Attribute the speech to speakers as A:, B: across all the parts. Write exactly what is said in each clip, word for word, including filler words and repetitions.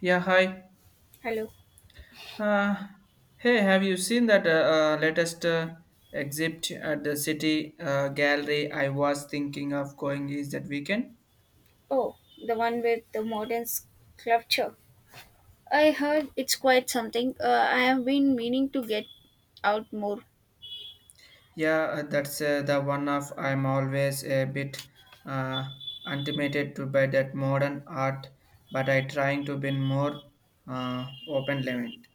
A: Yeah, hi.
B: Hello.
A: Uh, Hey, have you seen that uh, uh, latest uh, exhibit at the City uh, Gallery? I was thinking of going is that weekend.
B: Oh, the one with the modern sculpture. I heard it's quite something. Uh, I have been meaning to get out more.
A: Yeah, uh, that's uh, the one of I'm always a bit uh, intimidated to by that modern art, but I trying to be more uh, open-minded.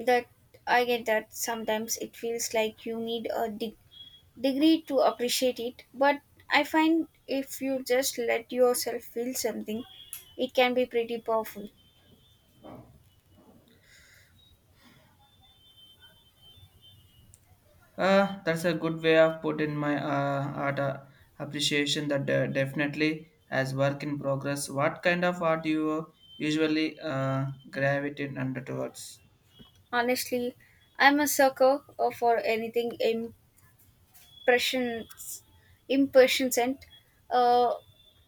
B: That I get that sometimes it feels like you need a de- degree to appreciate it, but I find if you just let yourself feel something, it can be pretty powerful.
A: Uh, that's a good way of putting my uh, art uh, appreciation that uh, definitely as work in progress. What kind of art you usually uh, gravitate under towards?
B: Honestly, I'm a sucker uh, for anything im- impressions impressions and uh,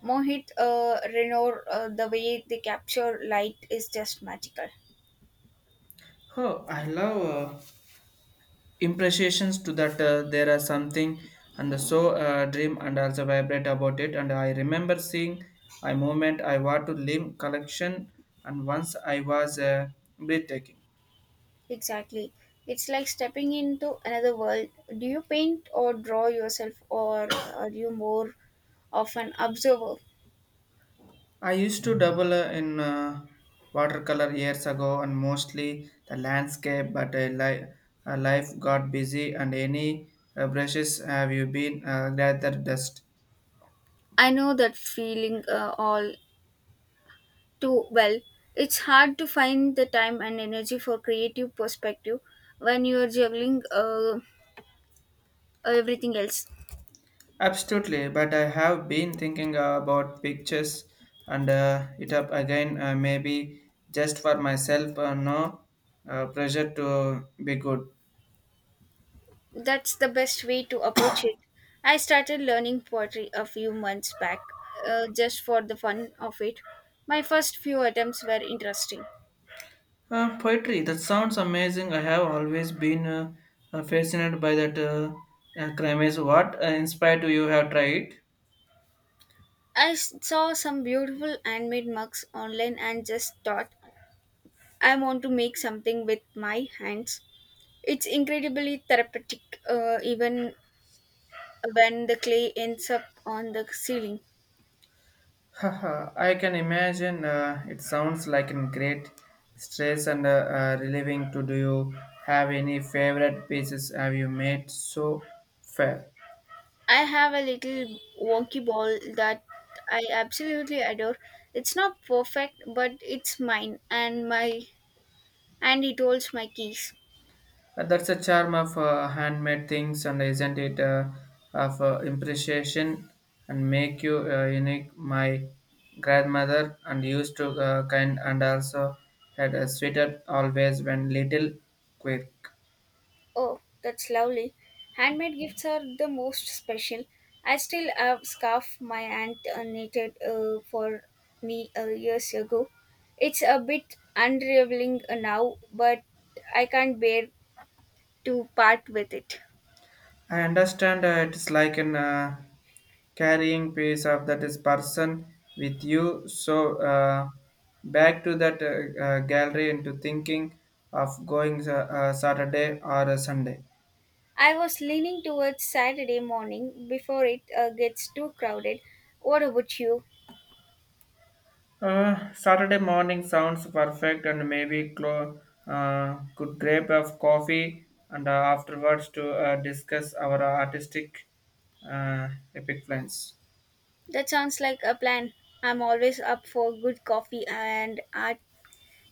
B: mohit, uh, Renoir. Uh, the way they capture light is just magical.
A: Oh, I love uh, impressions to that. Uh, there are something and so uh, dream and also vibrate about it. And I remember seeing a moment I want to leave collection and once I was uh, breathtaking.
B: Exactly, it's like stepping into another world. Do you paint or draw yourself, or uh, are you more of an observer?
A: I used to double uh, in uh, watercolor years ago and mostly the landscape, but uh, li- uh, life got busy and any uh, brushes have you been uh, gathered dust?
B: I know that feeling uh, all too well. It's hard to find the time and energy for creative perspective when you're juggling uh, everything else.
A: Absolutely, but I have been thinking uh, about pictures and uh, it up again, uh, maybe just for myself, uh, no uh, pressure to be good.
B: That's the best way to approach it. I started learning poetry a few months back, uh, just for the fun of it. My first few attempts were interesting.
A: Uh, poetry, that sounds amazing. I have always been uh, uh, fascinated by that uh, uh, crime is what uh, inspired you have tried.
B: I s- saw some beautiful handmade mugs online and just thought, I want to make something with my hands. It's incredibly therapeutic, uh, even when the clay ends up on the ceiling.
A: Haha, I can imagine uh, it sounds like a great stress and uh, uh, relieving to do you have any favorite pieces have you made so far?
B: I have a little wonky ball that I absolutely adore. It's not perfect, but it's mine and my and it holds my keys.
A: Uh, that's the charm of uh, handmade things, and isn't it uh, of uh, imprecision and make you uh, unique? My grandmother and used to uh, kind and also had a sweeter always when little quick.
B: Oh, that's lovely. Handmade gifts are the most special. I still have scarf my aunt uh, knitted uh, for me uh, years ago. It's a bit unraveling uh, now, but I can't bear to part with it.
A: I understand uh, it's like an uh, carrying piece of that is person with you. So uh, back to that uh, uh, gallery into thinking of going uh, uh, Saturday or a Sunday.
B: I was leaning towards Saturday morning before it uh, gets too crowded. What about you?
A: Uh, Saturday morning sounds perfect, and maybe clo- uh, could grab of coffee and uh, afterwards to uh, discuss our artistic uh, epic plans.
B: That sounds like a plan. I'm always up for good coffee and art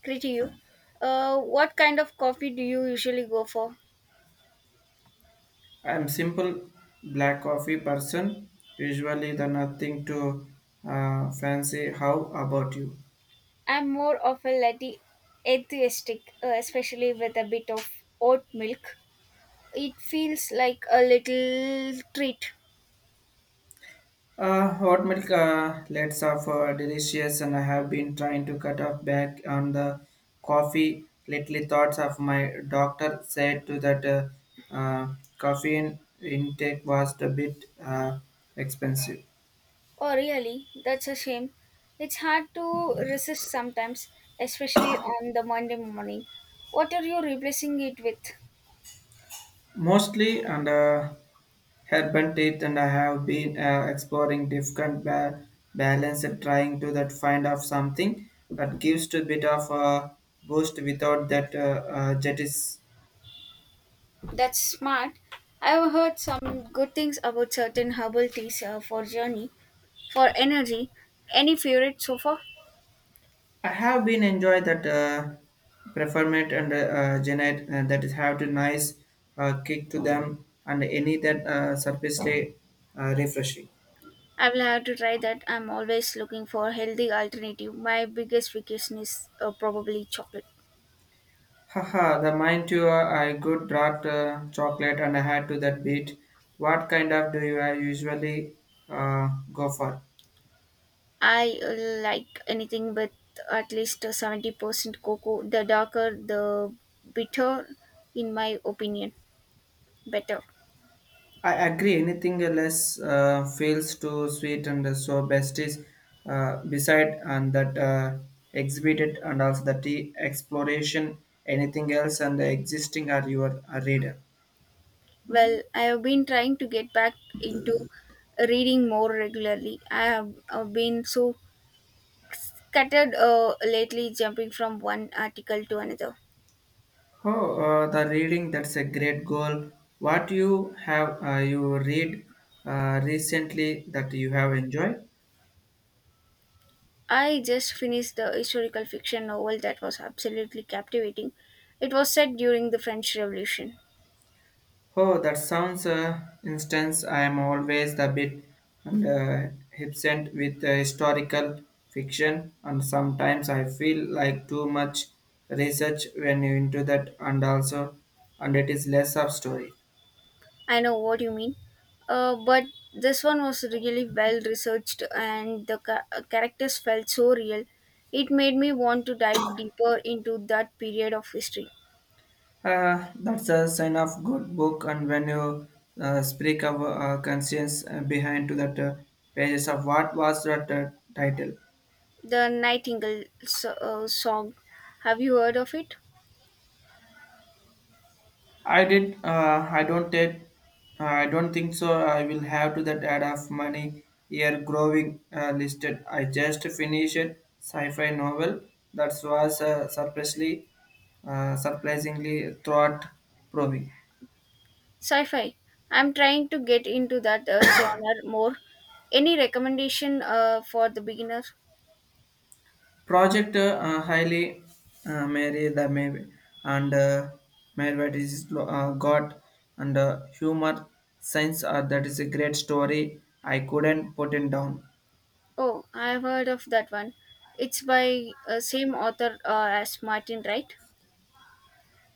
B: Crit you. Uh, what kind of coffee do you usually go for?
A: I am simple black coffee person, usually the nothing to uh, fancy. How about you?
B: I'm more of a latte enthusiastic, uh, especially with a bit of oat milk. It feels like a little treat.
A: Uh, hot milk uh, lets off uh, delicious, and I have been trying to cut off back on the coffee lately. Thoughts of my doctor said to that uh, uh, caffeine intake was a bit uh, expensive,
B: Oh, really? That's a shame. It's hard to resist sometimes, especially on the Monday morning. What are you replacing it with?
A: mostly and uh, herbal teeth, and I have been uh, exploring different ba- balance and trying to that find out something that gives to a bit of a boost without that uh, uh, jetis.
B: That's smart. I've heard some good things about certain herbal teas uh, for journey, for energy. Any favorite so far?
A: I have been enjoyed that uh, performance and uh, uh, Janet uh, that is have to nice uh, kick to them and any that uh, surface day uh, refreshing.
B: I will have to try that. I'm always looking for healthy alternative. My biggest weakness is uh, probably chocolate.
A: Haha, the mind to uh, I good dark uh, chocolate and I had to that beat. What kind of do you uh, usually uh, go for?
B: I uh, like anything with at least uh, seventy percent cocoa. The darker, the bitter, in my opinion, better.
A: I agree. Anything less uh, feels too sweet, and so best is uh, beside and that uh, exhibited, and also the tea exploration. Anything else and the existing are your uh, reader.
B: Well, I have been trying to get back into reading more regularly. I have uh, been so scattered uh, lately, jumping from one article to another.
A: Oh, uh, the reading that's a great goal. What you have uh, you read uh, recently that you have enjoyed?
B: I just finished the historical fiction novel that was absolutely captivating. It was set during the French Revolution.
A: Oh, that sounds uh, instance. I am always a bit and uh, absent with uh, historical fiction, and sometimes I feel like too much research when you into that, and also, and it is less of story.
B: I know what you mean. Uh, but this one was really well researched and the ca- uh, characters felt so real. It made me want to dive deeper into that period of history.
A: Uh, that's a sign of good book, and when you uh, speak of uh, conscience uh, behind to that uh, pages of what was that uh, title,
B: The Nightingale so- uh, song. Have you heard of it?
A: I did. Uh, I don't take. Uh, I don't think so. I will have to that ad of money year growing uh, listed. I just finished sci-fi novel that was uh, surprisingly, uh, surprisingly thought proving.
B: Sci fi. I'm trying to get into that uh, genre more. Any recommendation uh, for the beginner?
A: Project uh, uh, highly uh, Mary the Mary and uh, Mary what is lo- uh, God and uh, humor science. Uh, that is a great story. I couldn't put it down.
B: Oh, I've heard of that one. It's by uh, same author uh, as Martin, right?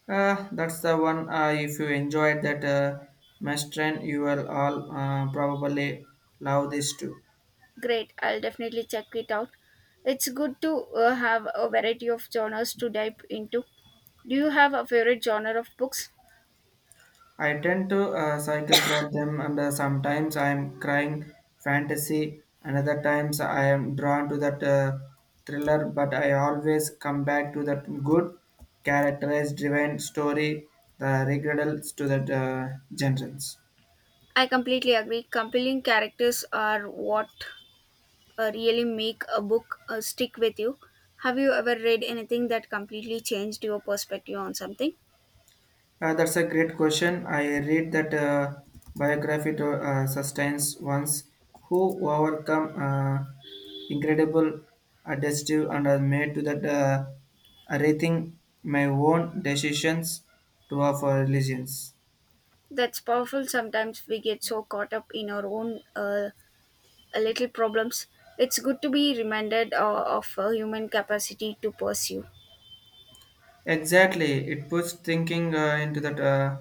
A: Uh, that's the one. Uh, if you enjoyed that uh, Mestran, you will all uh, probably love this too.
B: Great, I'll definitely check it out. It's good to uh, have a variety of genres to dive into. Do you have a favorite genre of books?
A: I tend to uh, cycle through them, and uh, sometimes I am crying fantasy, and other times I am drawn to that uh, thriller. But I always come back to that good, characterized, driven story, the regrets to that uh, genres.
B: I completely agree. Compelling characters are what uh, really make a book uh, stick with you. Have you ever read anything that completely changed your perspective on something?
A: Uh, that's a great question. I read that uh, biography to uh, sustains ones who overcome uh, incredible adjective and are made to that uh, rethink my own decisions to offer religions.
B: That's powerful. Sometimes we get so caught up in our own uh, little problems. It's good to be reminded uh, of uh, human capacity to pursue.
A: Exactly, it puts thinking uh, into that uh,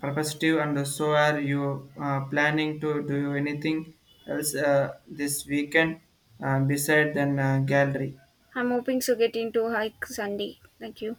A: perspective, and so are you uh, planning to do anything else uh, this weekend uh, beside than uh, gallery?
B: I'm hoping to get into hike Sunday. Thank you.